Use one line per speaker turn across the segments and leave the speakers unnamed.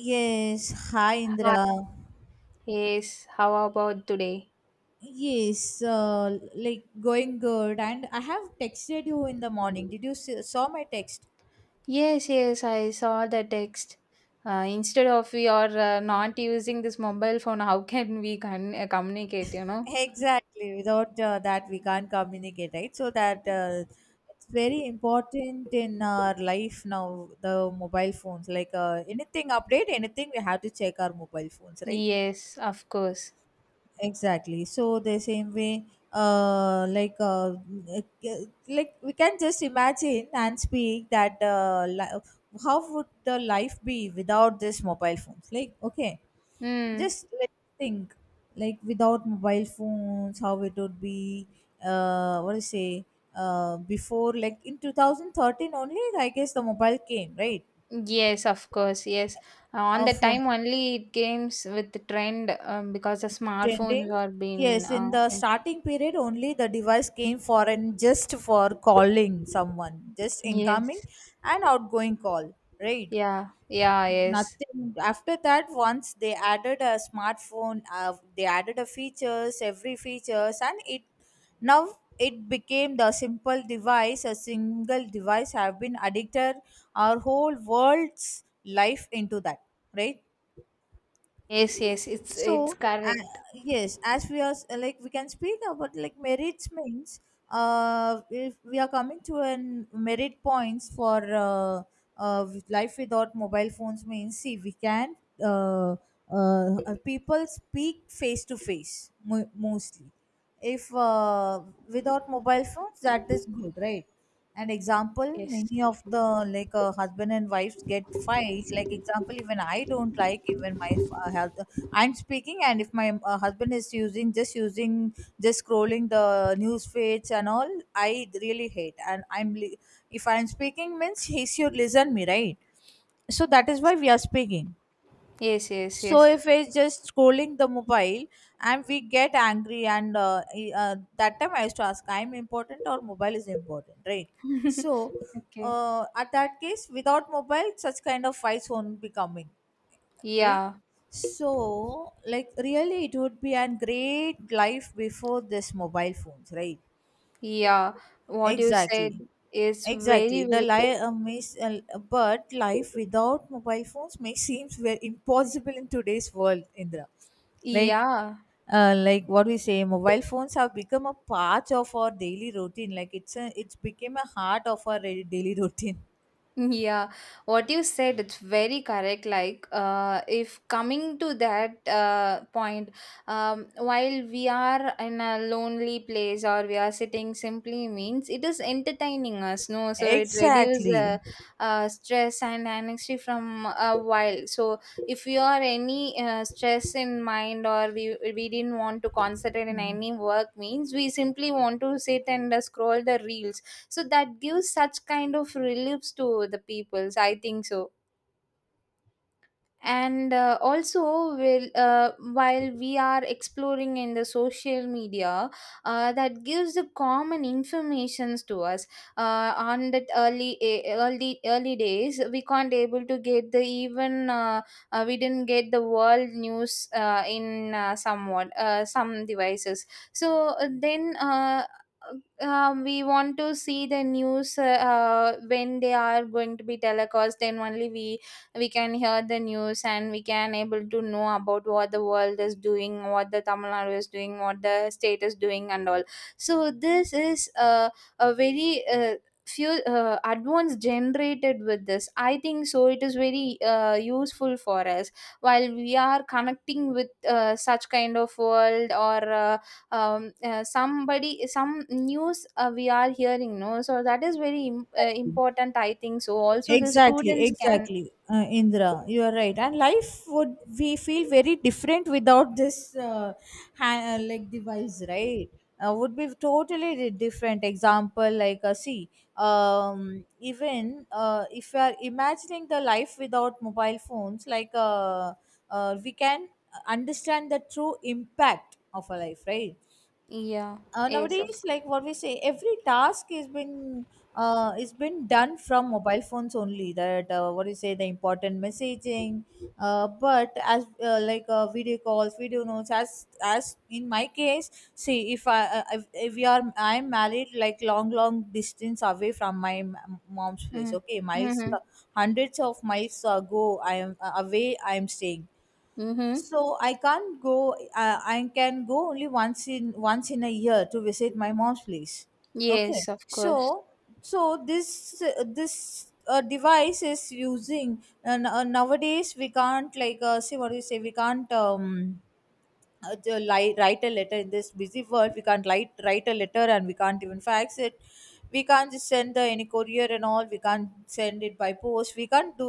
Yes, hi
Hi.
Indra.
Yes, how about today?
Yes, like going good. And I have texted you in the morning. Saw my text?
Yes, yes, I saw the text. Instead of we are not using this mobile phone, how can we communicate, you know?
Exactly. Without that, we can't communicate, right? So that It's very important in our life now. The mobile phones, like anything update, anything we have to check our mobile phones, right?
Yes, of course.
Exactly, so the same way, uh like uh like we can just imagine and speak how would the life be without this mobile phones, like, okay,
Hmm.
just let's think, like, without mobile phones how it would be. What do you say? Before, like, in 2013 only, I guess the mobile came, right?
Yes, of course. Yes. On the
For
time only it came with the trend because the smartphones
trending.
are being
Yes, in the
imp-
starting period only the device came for, and just for calling someone, just incoming
yes.
and outgoing call, right?
Yeah. Yeah, yes.
Nothing after that. Once they added a smartphone, they added a features, every features, and now it became the simple device, a single device have been addicted our whole world's life into that, right?
Yes, yes. It's
So, uh,
correct.
yes, as we are s- like we can speak about like merits means, if we are coming to an merit points for, with life without mobile phones means, see, we can, uh, people speak face to face, mostly, if without mobile phones, that is good, right? And example,
Yes.
many of the, like, husband and wives get fights, like example, even I don't like. Even my f- hus- I'm speaking, and if my husband is using, just scrolling the news feeds and all, I really hate, if I'm speaking means he should listen me, right? So that is why we are speaking.
Yes, yes,
So
yes.
if it's just scrolling the mobile and we get angry, and that time I used to ask, I'm important or mobile is important, right? So
okay.
at that case, without mobile, such kind of fights won't be coming, right?
Yeah.
So, like, really it would be a great life before this mobile phones, right?
Yeah, what you said
Exactly.
is
Exactly.
very,
The
very,
li- may, s- But life without mobile phones may seems very impossible in today's world, Indra. Right?
yeah.
Like what we say, mobile phones have become a part of our daily routine. It's became a heart of daily routine.
Yeah, what you said, it's very correct. Like, if coming to that point, while we are in a lonely place or we are sitting simply means it is entertaining us, no? So it reduces
Exactly.
stress and anxiety from a while. So if you are any stress in mind or we didn't want to concentrate in any work means we simply want to sit and scroll the reels, so that gives such kind of reliefs to the people, I think so. And also will while we are exploring in the social media, that gives the common informations to us on that early eh, early early days we can't able to get the even we didn't get the world news in somewhat some devices. So then we want to see the news when they are going to be telecast, then only we can hear the news and we can able to know about what the world is doing, what the Tamil Nadu is doing, what the state is doing and all. So this is a very uh, few advance generated with this, I think so. It is very useful for us while we are connecting with such kind of world or um, somebody, some news we are hearing, no, so that is very im- important, I think so. Also the
Exactly,
students can
exactly, Indra. You are right. And life would we feel very different without this hand, like, device, right? Would be totally different. Example, like, see, even if you are imagining the life without mobile phones, like, we can understand the true impact of a life, right?
yeah. Yes, of
Nowadays,
course.
like what we say, every task is been done from mobile phones only. That what you say, the important messaging, but as, video calls, video notes. As in my case, see, if we are, I'm married, like long long distance away from my mom's place,
Mm.
okay, miles,
Mm-hmm.
hundreds of miles ago, I am away, I am staying.
Mm-hmm.
So I can't go. I can go only once in a year to visit my mom's place. Okay.
Yes, of course.
So, so this device is using, and nowadays we can't, like, see what do you say, we can't, write a letter in this busy world. We can't write a letter, and we can't even fax it. We can't just send the any courier and all. We can't send it by post. We can't do.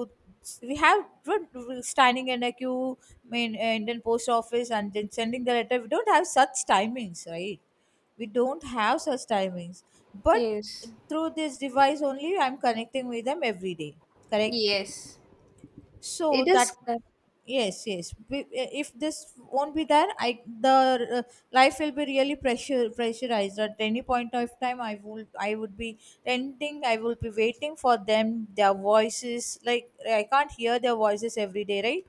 We have, we're standing in a queue in Indian post office and then sending the letter. We don't have such timings, right? We don't have such timings. But
Yes.
through this device only, I'm connecting with them every day, correct?
Yes.
So
It
that,
is cor-
yes, yes. If this won't be there, I the life will be really pressure pressurized at any point of time. I would be renting, I will be waiting for them, their voices, like I can't hear their voices every day, right?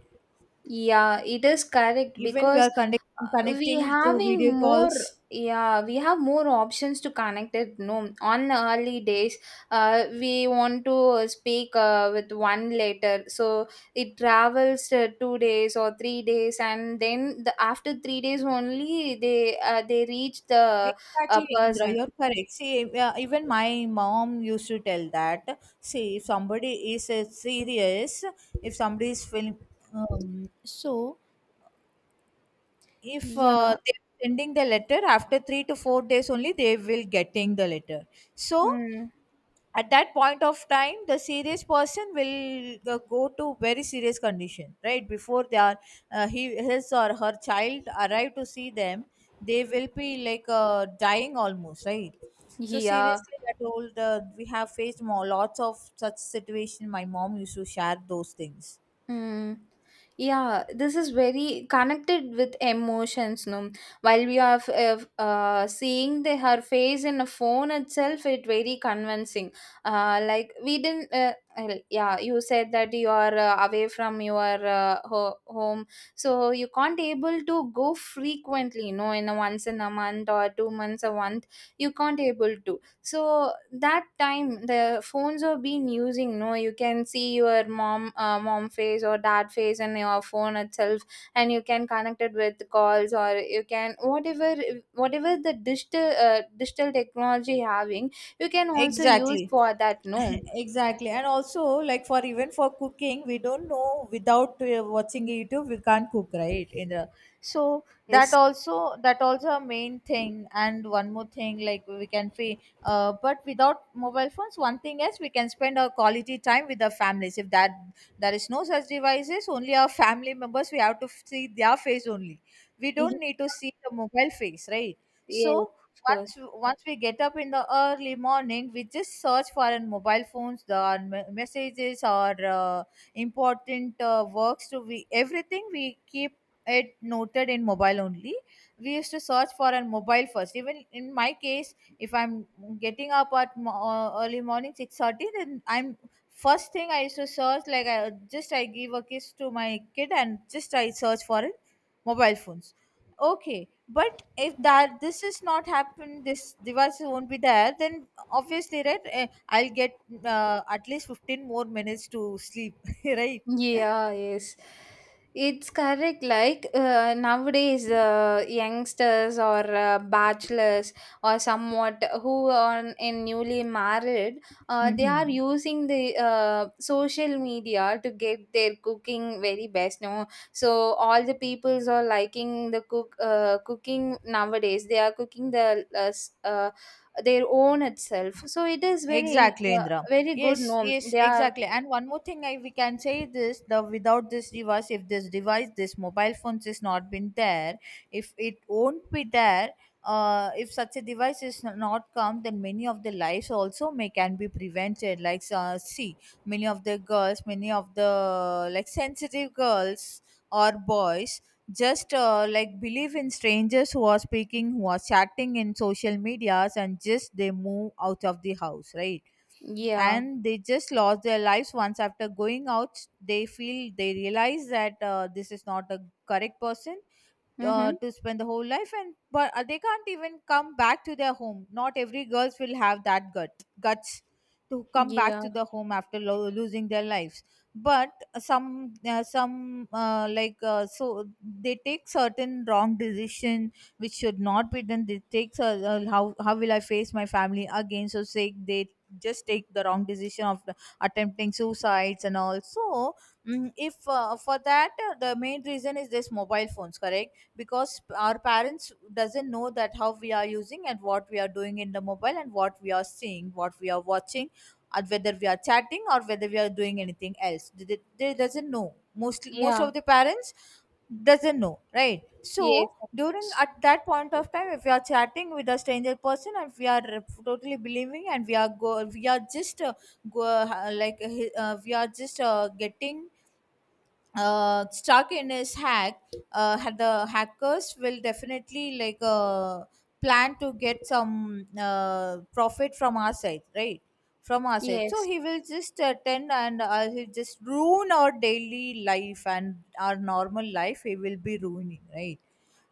yeah, it is correct
even we
because
are connect,
we
Connecting through
having
video
more
calls.
yeah, we have more options to connect it. No, on the early days, we want to speak with one letter, so it travels 2 days or 3 days, and then the after 3 days only they reach the a
Exactly, Indra,
person.
you're correct. See, even my mom used to tell that. See, if somebody is serious, if somebody is feeling, um, so if
Yeah.
they're sending the letter after 3 to 4 days only, they will getting the letter. So
Mm.
at that point of time, the serious person will go to very serious condition, right? Before they are, he his or her child arrive to see them, they will be like dying almost, right? So
Yeah.
seriously, I told we have faced more, lots of such situation. My mom used to share those things.
Mm. Yeah, this is very connected with emotions, no? While we are seeing the, her face in a phone itself, it very convincing. Like we didn't. Well, yeah, you said that you are away from your home, so you can't able to go frequently. No, in a once in a month or 2 months a month, you can't able to. So that time the phones are being using, no, you can see your mom mom face or dad face in your phone itself, and you can connect it with calls or you can whatever, whatever the digital digital technology having, you can also use
Exactly.
for that, no.
Exactly. And also, like, for even for cooking, we don't know without watching YouTube we can't cook, right? In the, so
Yes.
that also a main thing. And one more thing, like, we can pay, but without mobile phones, one thing is, we can spend our quality time with our families. If that there is no such devices, only our family members we have to see their face only. We
Yes.
don't need to see the mobile face, right?
Yes,
So,
of course.
once once we get up in the early morning, we just search for our mobile phones, messages or uh, important works to, we everything we keep it noted in mobile only. We used to search for our mobile first. Even in my case, if I'm getting up at early morning 6:30, then I'm, first thing I used to search, like, just I give a kiss to my kid and just I search for it, mobile phones. Okay. But if that this is not happened, this device won't be there, then obviously, right, I'll get at least 15 more minutes to sleep. Right.
Yeah, yes. It's correct. Like nowadays, youngsters or bachelors or somewhat who are in newly married, they are
Mm-hmm.
using the social media to get their cooking very best. No, so all the peoples are liking the cooking nowadays. They are cooking the s- their own itself. So it is very
Exactly, Indra.
very good.
Yes,
No,
yes,
they are
exactly. And one more thing, I we can say this: the without this device, if this device, this mobile phones is not been there, if it won't be there, if such a device is not come, then many of the lives also may can be prevented. Like, see, many of the, like, sensitive girls or boys just like believe in strangers who are speaking, who are chatting in social medias, and just they move out of the house, right?
yeah.
And they just lost their lives. Once after going out, they feel, they realize that this is not a correct person
Mm-hmm.
to spend the whole life. And but they can't even come back to their home. Not every girls will have that guts to come back to
Yeah,
the home after losing their lives. But some, they take certain wrong decision which should not be done. They take, how will I face my family again, so say, they just take the wrong decision attempting suicides. And also, if for that the main reason is this mobile phones, correct? Because our parents doesn't know that how we are using and what we are doing in the mobile, and what we are seeing, what we are watching, and whether we are chatting or whether we are doing anything else, they doesn't know. Most
yeah,
of the parents doesn't know, right? So
yes, of
during
course.
at that point of time, if we are chatting with a stranger person, and we are totally believing, and we are just, go, like we are just getting stuck in his hack, had the hackers will definitely, like, plan to get some profit from our side, right? From our side. So
Yes,
he will just attend, and he'll just ruin our daily life and our normal life. He will be ruining, right?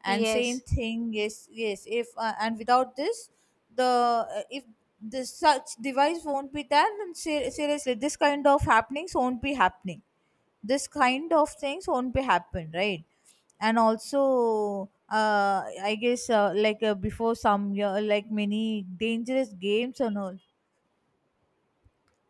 And same
yes,
thing, yes, yes. If and without this, the if this such device won't be there, then seriously, this kind of happenings won't be happening, this kind of things won't be happen, right? And also I guess, before some year, like, many dangerous games and all,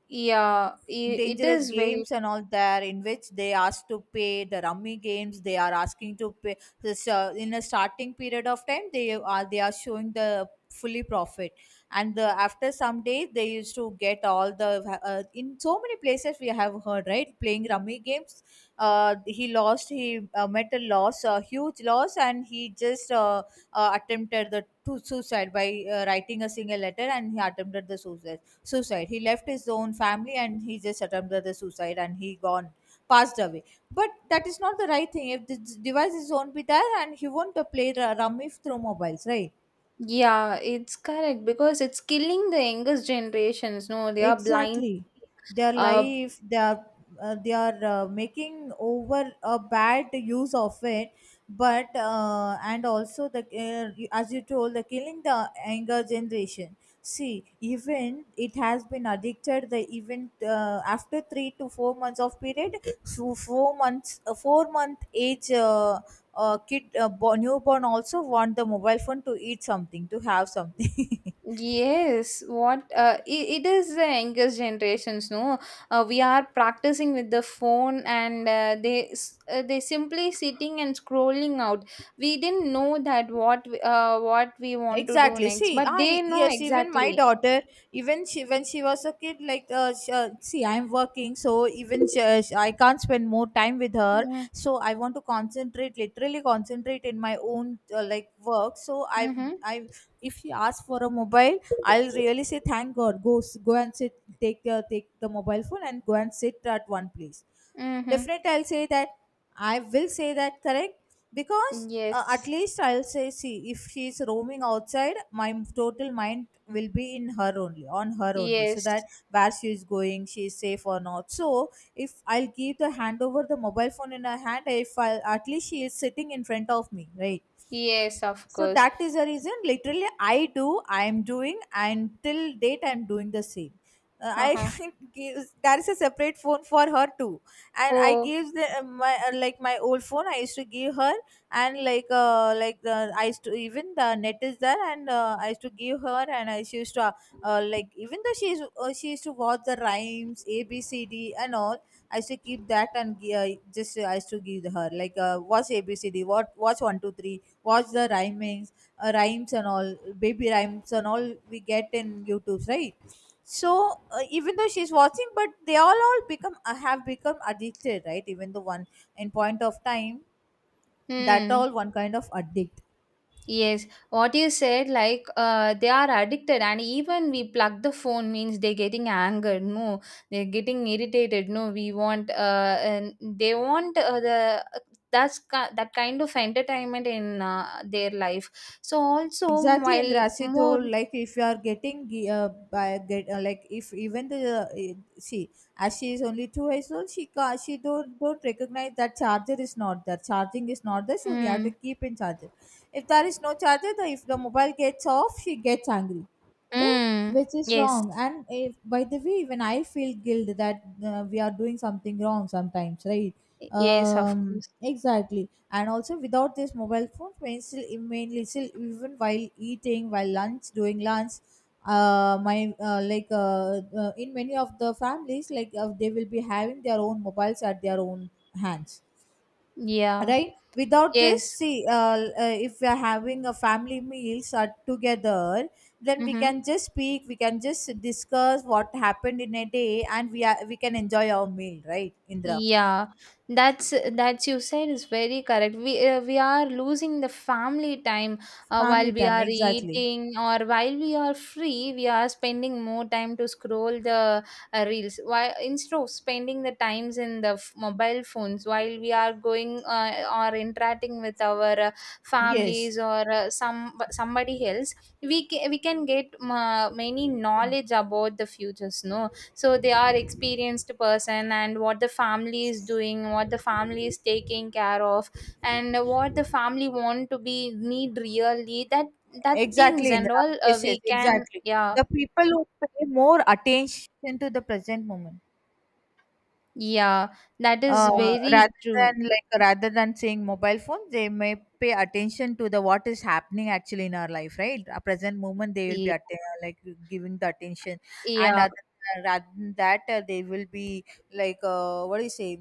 yeah, I- it
dangerous
is very,
games and all there, in which they ask to pay, the rummy games they are asking to pay. This In a starting period of time, they are showing the fully profit, and after some days they used to get all the in so many places we have heard, right, playing rummy games, he lost he met a loss, a huge loss, and he just, attempted the to suicide by writing a single letter and he attempted the suicide. He left his own family and he just attempted the suicide and he gone passed away. But that is not the right thing. If the device is won't be there and he won't play the rummy through mobiles, right?
yeah, it's correct because it's killing the youngest generations. No, they are blind.
Exactly, their
Uh,
life they are making over a bad use of it. But and also the as you told, the killing the anger generation. See, even it has been addicted the even after 3 to 4 months of period, so 4 months a 4-month age kid newborn also want the mobile phone to eat something, to have something.
yes, what it, it is the youngest generations. No, we are practicing with the phone and they s- they simply sitting and scrolling out. We didn't know that what what we want to do
Exactly.
next,
See,
but
I,
they know
yes, even my
exactly.
daughter, even she, when she was a kid, like sh see, I'm working, so even I can't spend more time with her,
Mm-hmm.
so I want to concentrate, literally concentrate in my own like work, so i
Mm-hmm.
i if she asks for a mobile, I'll really say thank god, go go and sit, take the mobile phone and go and sit at one place.
Mm-hmm.
Definitely, I'll say that. I will say that, correct? Because at
Yes.
least I'll say, see, if she's roaming outside, my total mind will be in her only, on her only. So that
Yes.
where she is going, she is safe or not. So if I'll give the hand over the mobile phone in her hand, if I'll, at least she is sitting in front of me, right?
Yes, of
So
course.
that is the reason, literally I do, I am doing and till date I'm doing the same. Uh,
Uh-huh.
i give, there is a separate phone for her too, and I
Oh,
gave the my like my old phone I used to give her, and like the I used to, even the net is there and I used to give her and I she used to like even though she used to watch the rhymes, a b c d and all. I used to keep that and I just I used to give her, like watch ABCD, watch one two three, watch the rhymings, rhymes and all, baby rhymes and all we get in YouTube, right? So even though she's watching, but they all become have become addicted, right? Even though one in point of time, that
hmm.
all one kind of addict.
Yes. What you said, like uh, they are addicted, and even we plug the phone means they're getting angered. No, they're getting irritated. No, we want uh, and they want the that's ki- that kind of entertainment in their life. So also
Exactly. And
while
as you
more,
told, like if you are getting by get like if even the see, as she is only 2 years old, she she don't recognize that charger is not there, charging is not there, so we have
hmm.
to keep in charger. If there is no charger, the if the mobile gets off, she gets angry, right?
Mm.
Which is
Yes.
wrong. And if, by the way, even I feel guilt that we are doing something wrong sometimes, right?
Yes, of
um
course.
exactly. And also without this mobile phone, when still mainly still even while eating, while lunch doing lunch, my in many of the families, like they will be having their own mobiles at their own hands,
Yeah.
right? Without this,
Yes.
see, if we are having a family, meals are together, then we
Mm-hmm.
can just speak, we can just discuss what happened in a day, and we can enjoy our meal, right, Indra?
Yeah, that's that you said is very correct. We are losing the family time
Family
while we
time,
are
exactly.
eating or while we are free. We are spending more time to scroll the reels. Why instead of spending the times in the f- mobile phones, while we are going or interacting with our
Yes.
families or some somebody else, we can get many knowledge about the futures. No, so they are experienced person, and what the family is doing, what the family is taking care of, and what the family want to be need really that, that things
Exactly, Indra.
and all
Yes, yes,
we can
exactly.
yeah.
The people who pay more attention to the present moment,
Yeah, that is
uh,
very
rather
true.
than, like rather than saying mobile phone, they may pay attention to the what is happening actually in our life, right? A present moment, they will be
Yeah,
like giving the attention, and
yeah,
other, rather than that, they will be like what do you say?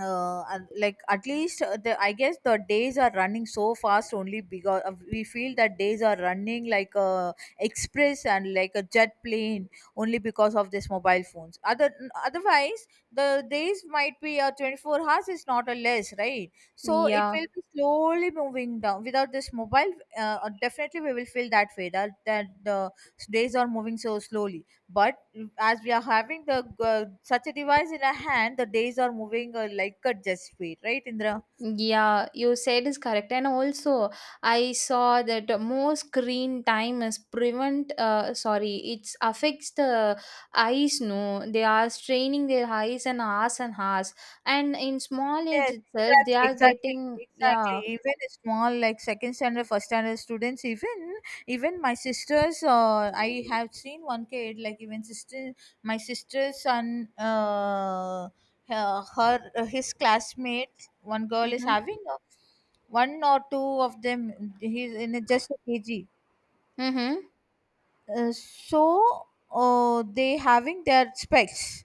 And, like at least the I guess the days are running so fast only because we feel that days are running like a express and like a jet plane only because of this mobile phones. Other, otherwise, the days might be 24 hours is not a less, right? So it
yeah.
will be slowly moving down without this mobile. Definitely we will feel that way, that that the days are moving so slowly. But as we are having the such a device in our hand, the days are moving like a jet speed, right, Indra?
Yeah, you said is correct. And also, I saw that more screen time is prevent, sorry, it's affects the eyes, no. They are straining their eyes and hours and hours. And in small age
Yes.
itself, they
Exactly,
are
exactly,
getting,
exactly.
yeah.
Even a small, like second standard, first standard students, even even my sisters, I have seen one kid, like even sister, my sister's son, his classmates, one girl is
Mm-hmm.
having one or two of them, he's in a, just a kg.
Mm-hmm.
So they having their specs.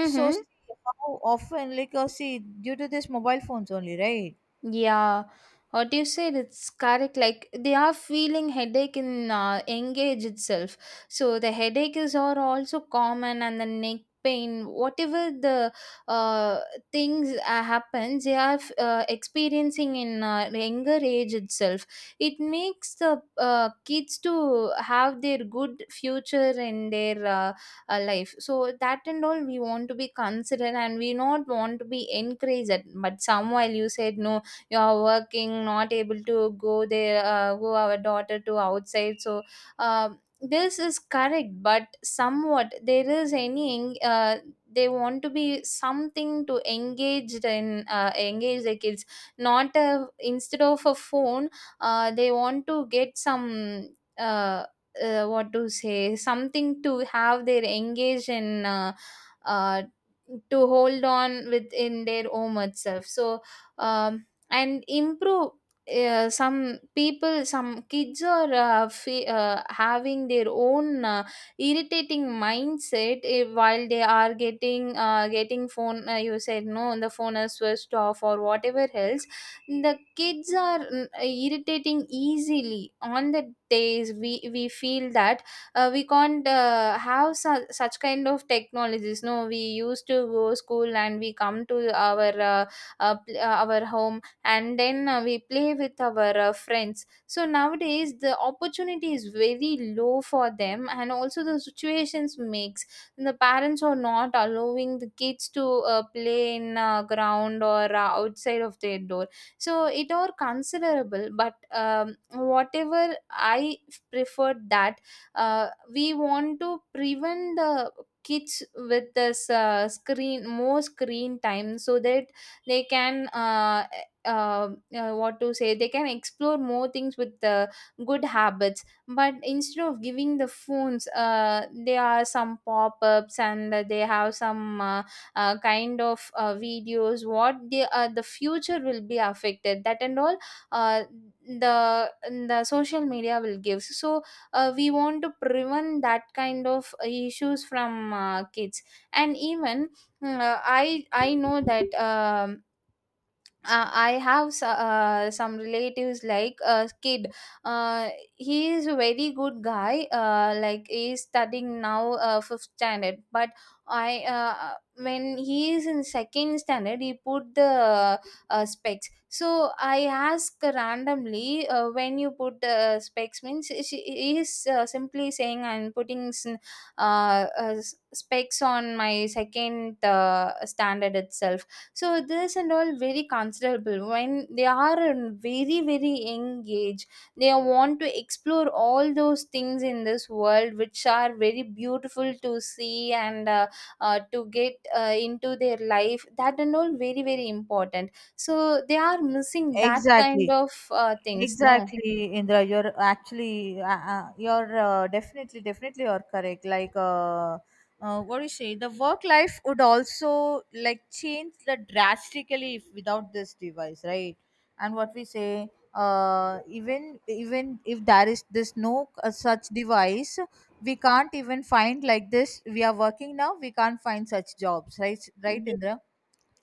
So, see, how often, like see, due to this mobile phones only, right?
Yeah, what you said, it's correct. Like they are feeling headache in engage itself. So the headaches are also common, and the neck pain, whatever the uh, things happens, they are experiencing in younger age itself. It makes the kids to have their good future in their life. So that and all we want to be considered, and we not want to be encouraged. But some while you said no, you are working, not able to go there go our daughter to outside. So um this is correct, but somewhat there is any they want to be something to engaged in engage the kids, not a, instead of a phone, they want to get some uh, what to say, something to have their engage in uh, to hold on within their own itself. So um, and improve some people, some kids are fe- having their own irritating mindset, eh, while they are getting getting phone you said no, the phone is switched off or whatever else, the kids are mm, irritating easily on the days we feel that we can't have su- such kind of technologies, no, we used to go school and we come to our our home, and then we play with our friends. So nowadays the opportunity is very low for them, and also the situations makes the parents are not allowing the kids to play in ground or outside of their door. So it are considerable, but whatever I prefer that we want to prevent the kids with this screen, more screen time, so that they can what to say, they can explore more things with the good habits. But instead of giving the phones there are some pop-ups, and they have some kind of videos what they the future will be affected, that and all uh, the the social media will give. So we want to prevent that kind of issues from kids. And even I know that I have so- some relatives like a kid. He is a very good guy. Like he is studying now fifth standard. But I when he is in second standard, he put the specs. So I ask randomly when you put specs means, she he is simply saying I'm putting s- s- specs on my second standard itself. So this and all very considerable when they are in very very young age. They want to explore all those things in this world, which are very beautiful to see and to get into their life. That and all very very important. So they are missing that kind
Exactly.
of things. No.
Exactly, Indra. You're actually, you're definitely, definitely, you're correct. Like, what do you say? The work life would also like change the drastically if without this device, right? And what we say, even if there is this no such device, we can't even find like this. We are working now, we can't find such jobs, right? Right,
Ye-
Indra?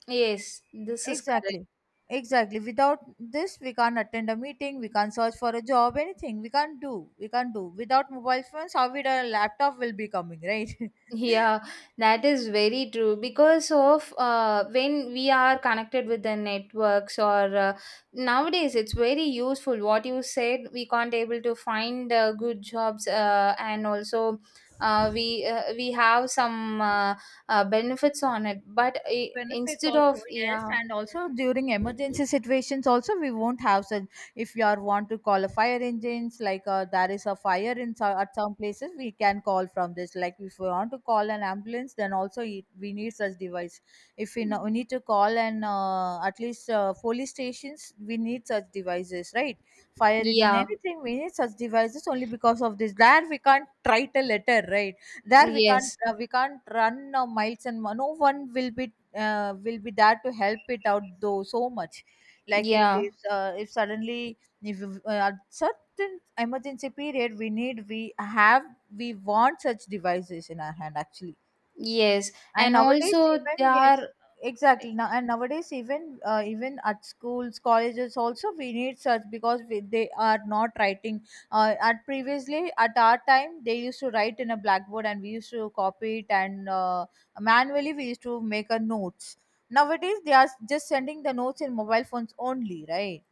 Yes, this is correct.
Exactly. Exactly. Without this, we can't attend a meeting, we can't search for a job, anything. We can't do. We can't do. Without mobile phones, how will a laptop will be coming, right?
Yeah, that is very true because of when we are connected with the networks or nowadays it's very useful, what you said, we can't able to find good jobs and also we have some benefits on it, but I
Benefits
instead of
also, yes.
yeah.
And also during emergency situations also we won't have such. If you are want to call a fire engines, like there is a fire in at some places, we can call from this. Like if we want to call an ambulance, then also it, we need such device. If we, know, we need to call an at least police stations, we need such devices, right? Fire engine,
Yeah.
anything, we need such devices only. Because of this, there we can't write a letter, right? There
Yes.
we can't run no one will be there to help it out though, so much. Like, it
Yeah.
is if suddenly if at certain emergency period we need, we have, we want such devices in our hand actually.
Yes,
And
and
nowadays,
also there
even, yes,
are
exactly. Now and nowadays even even at schools, colleges also we need such, because we, they are not writing at previously, at our time, they used to write in a blackboard and we used to copy it and manually we used to make a notes. Nowadays they are just sending the notes in mobile phones only, right?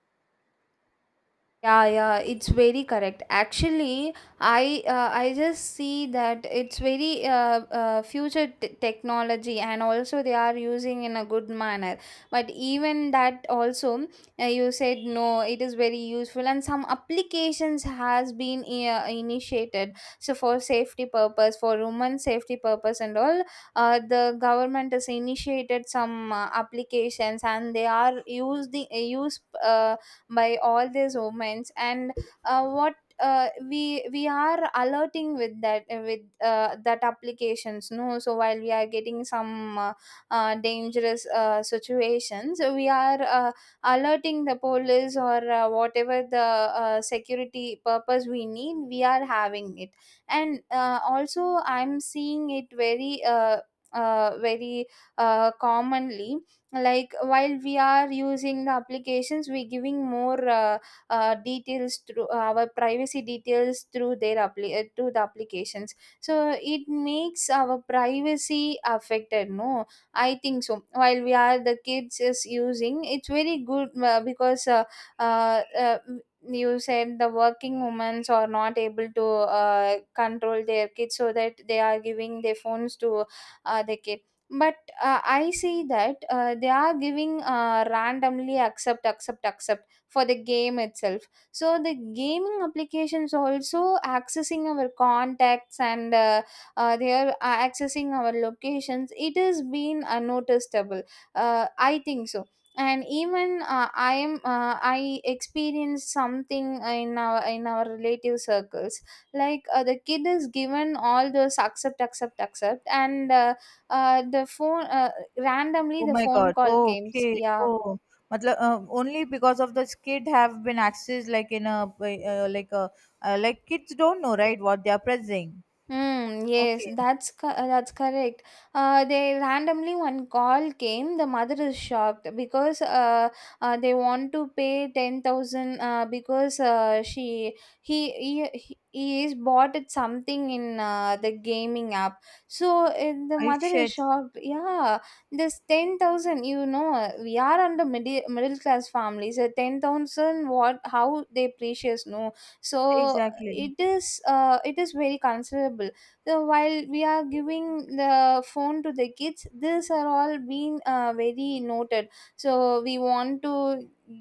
yeah, yeah, it's very correct. Actually, I just see that it's very future t- technology, and also they are using in a good manner. But even that also, you said no, it is very useful, and some applications has been initiated. So for safety purpose, for women safety purpose, and all, the government has initiated some applications, and they are used the use by all these omens and what we are alerting with that applications no, so while we are getting some dangerous situations, we are alerting the police or whatever the security purpose we need, we are having it. And also I'm seeing it very very commonly, like while we are using the applications, we giving more details through our privacy details through their to the applications, so it makes our privacy affected, no. I think so, while we are the kids is using, it's very good, because uh, uh, you said the working women are not able to control their kids, so that they are giving their phones to the kid. But I see that they are giving randomly accept, accept, accept for the game itself. So the gaming applications also accessing our contacts, and they are accessing our locations. It has been noticeable. I think so. And even I experienced something in our relative circles. Like the kid is given all those accept, accept, accept, and the phone, randomly
Oh
the
my
phone
god.
call came.
Okay.
Yeah.
Oh, matlab, only because of this kid have been accessed, like in a like a like kids don't know, right, what they are pressing.
Hmm. Yes,
Okay.
that's correct. They randomly one call came. The mother is shocked because they want to pay 10,000, because she he is bought it something in the gaming app. So the
I
mother is
shit.
shocked. Yeah, this 10,000. You know, we are under middle class families. So 10,000, what? How they precious? No, so
Exactly.
it is very considerable. So while we are giving the phone to the kids, these are all being very noted. So we want to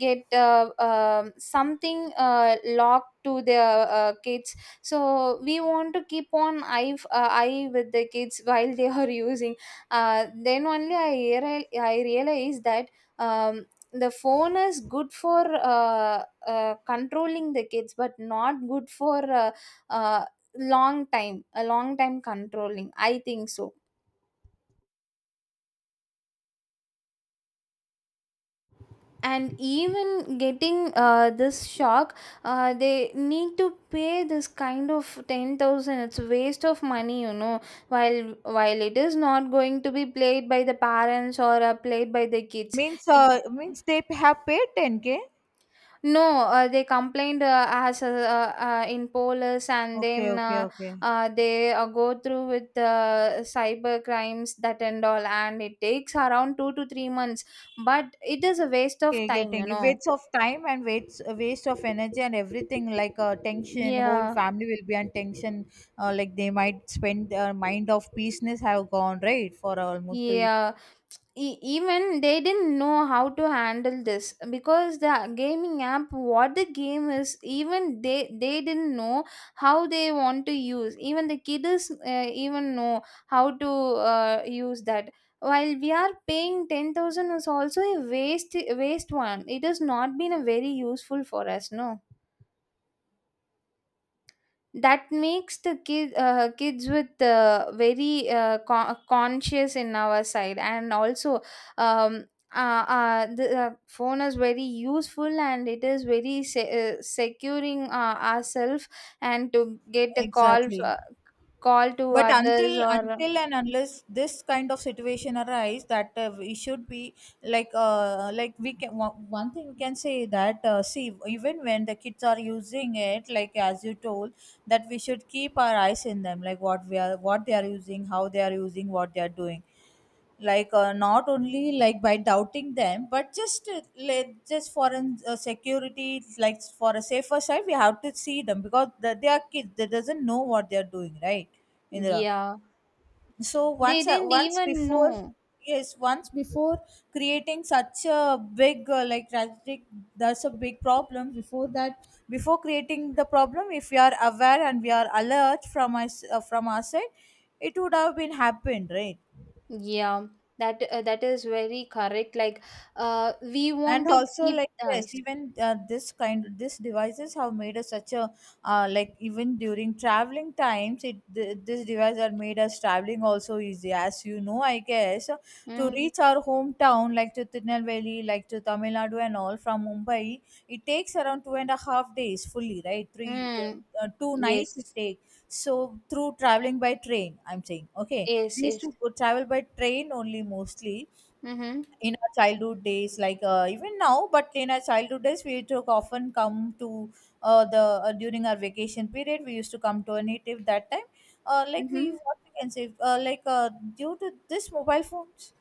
get something locked to the kids. So we want to keep on eye eye with the kids while they are using, then only I realize that um, the phone is good for controlling the kids but not good for uh, long time, a long time controlling, I think so. And even getting this shock, they need to pay this kind of 10,000. It's a waste of money, you know, while it is not going to be played by the parents or played by the kids.
Means
It.
means they have paid 10k.
No, they complained as in police, and
Okay.
then
Okay. Okay.
they go through with cyber crimes that and all, and it takes around two to three months. But it is a waste of
Okay,
time, you
getting it.
know.
Waste of time and waste of energy and everything, like tension. Whole
Yeah,
family will be on tension. Like they might spend their mind of peaceness have gone, right, for almost three.
yeah. Even they didn't know how to handle this, because the gaming app, what the game is, even they didn't know how they want to use. Even the kids even know how to use that. While we are paying 10,000 is also a waste, waste one. It has not been a very useful for us, no. That makes the kid, kids with very conscious in our side. And also, um, the phone is very useful, and it is very securing ourselves and to get a call,
Exactly.
call to
But
others,
until
or
until and unless this kind of situation arise, that we should be like we can, one thing we can say that see, even when the kids are using it, like as you told, that we should keep our eyes in them, like what we are, what they are using, how they are using, what they are doing, like not only like by doubting them, but just let just for an security, like for a safer side, we have to see them because the, they are kids, they doesn't know what they are doing, right, Indra?
yeah,
So
they
once I,
didn't
once
even
before,
know.
yes, once before creating such a big like tragic, that's a big problem. Before that, before creating the problem, if we are aware and we are alert from us, from our side, it would have been happened, right?
Yeah, that that is very correct, like we
And
want to
also
keep
like, yes,
eyes.
even this kind this devices have made us such a like even during traveling times, it this device are made us traveling also easy, as you know, I guess. So, to
Mm,
reach our hometown, like to Tirunelveli, like to Tamil Nadu and all, from Mumbai, it takes around 2.5 days fully, right? Three,
mm,
two nights it
yes,
take. So through traveling by train, I'm saying, okay,
yes,
we used
yes.
to go travel by train only mostly
Mm-hmm.
in our childhood days, like even now, but in our childhood days we took often come to the during our vacation period, we used to come to a native that time. Like we
Mm-hmm.
what we can say, due to this mobile phones,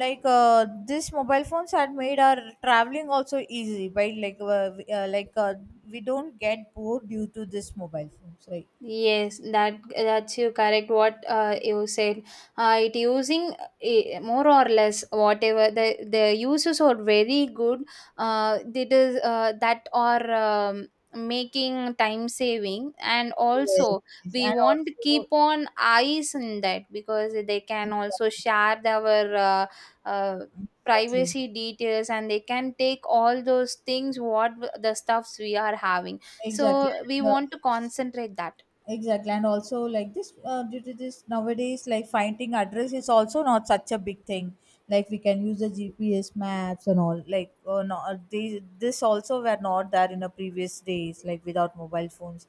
like this mobile phones had made our traveling also easy, by like we don't get bored due to this mobile phones, right?
Yes, that that's you correct what you said. It using more or less, whatever the uses are very good. It is that are um, making time saving, and
Yes.
also
Yes.
we
And
want to
also,
keep on eyes in that, because they can also share our uh,
exactly, exactly,
privacy details, and they can take all those things, what the stuffs we are having.
exactly.
So we
And, uh,
want to concentrate that.
exactly, and also, like this due to this, nowadays, like finding address is also not such a big thing, like we can use the GPS maps and all, like no, they, this also were not there in the previous days, like without mobile phones,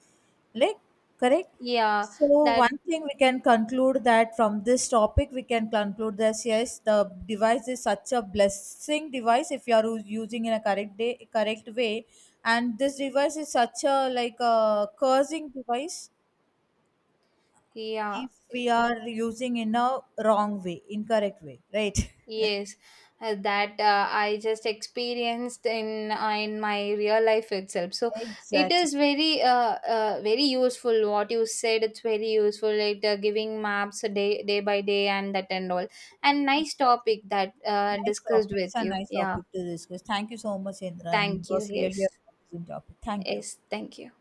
like, correct.
Yeah,
So
that,
one thing we can conclude, that from this topic we can conclude that yes, the device is such a blessing device if you are using in a correct day, correct way. And this device is such a like a cursing device
yeah,
if we
eh,
are using in a wrong way, incorrect way, right?
yes, that I just experienced in my real life itself. So it
Exactly.
is very very useful what you said. It's very useful. Like giving maps a day by day and that and all. And nice
Exactly.
topic that
Nice
discussed with
topics and
you.
nice
Yeah,
topic to discuss. Thank you so much, Indra, and
thank
it
you.
was
Yes,
really a amazing topic. Thank you.
yes, thank you.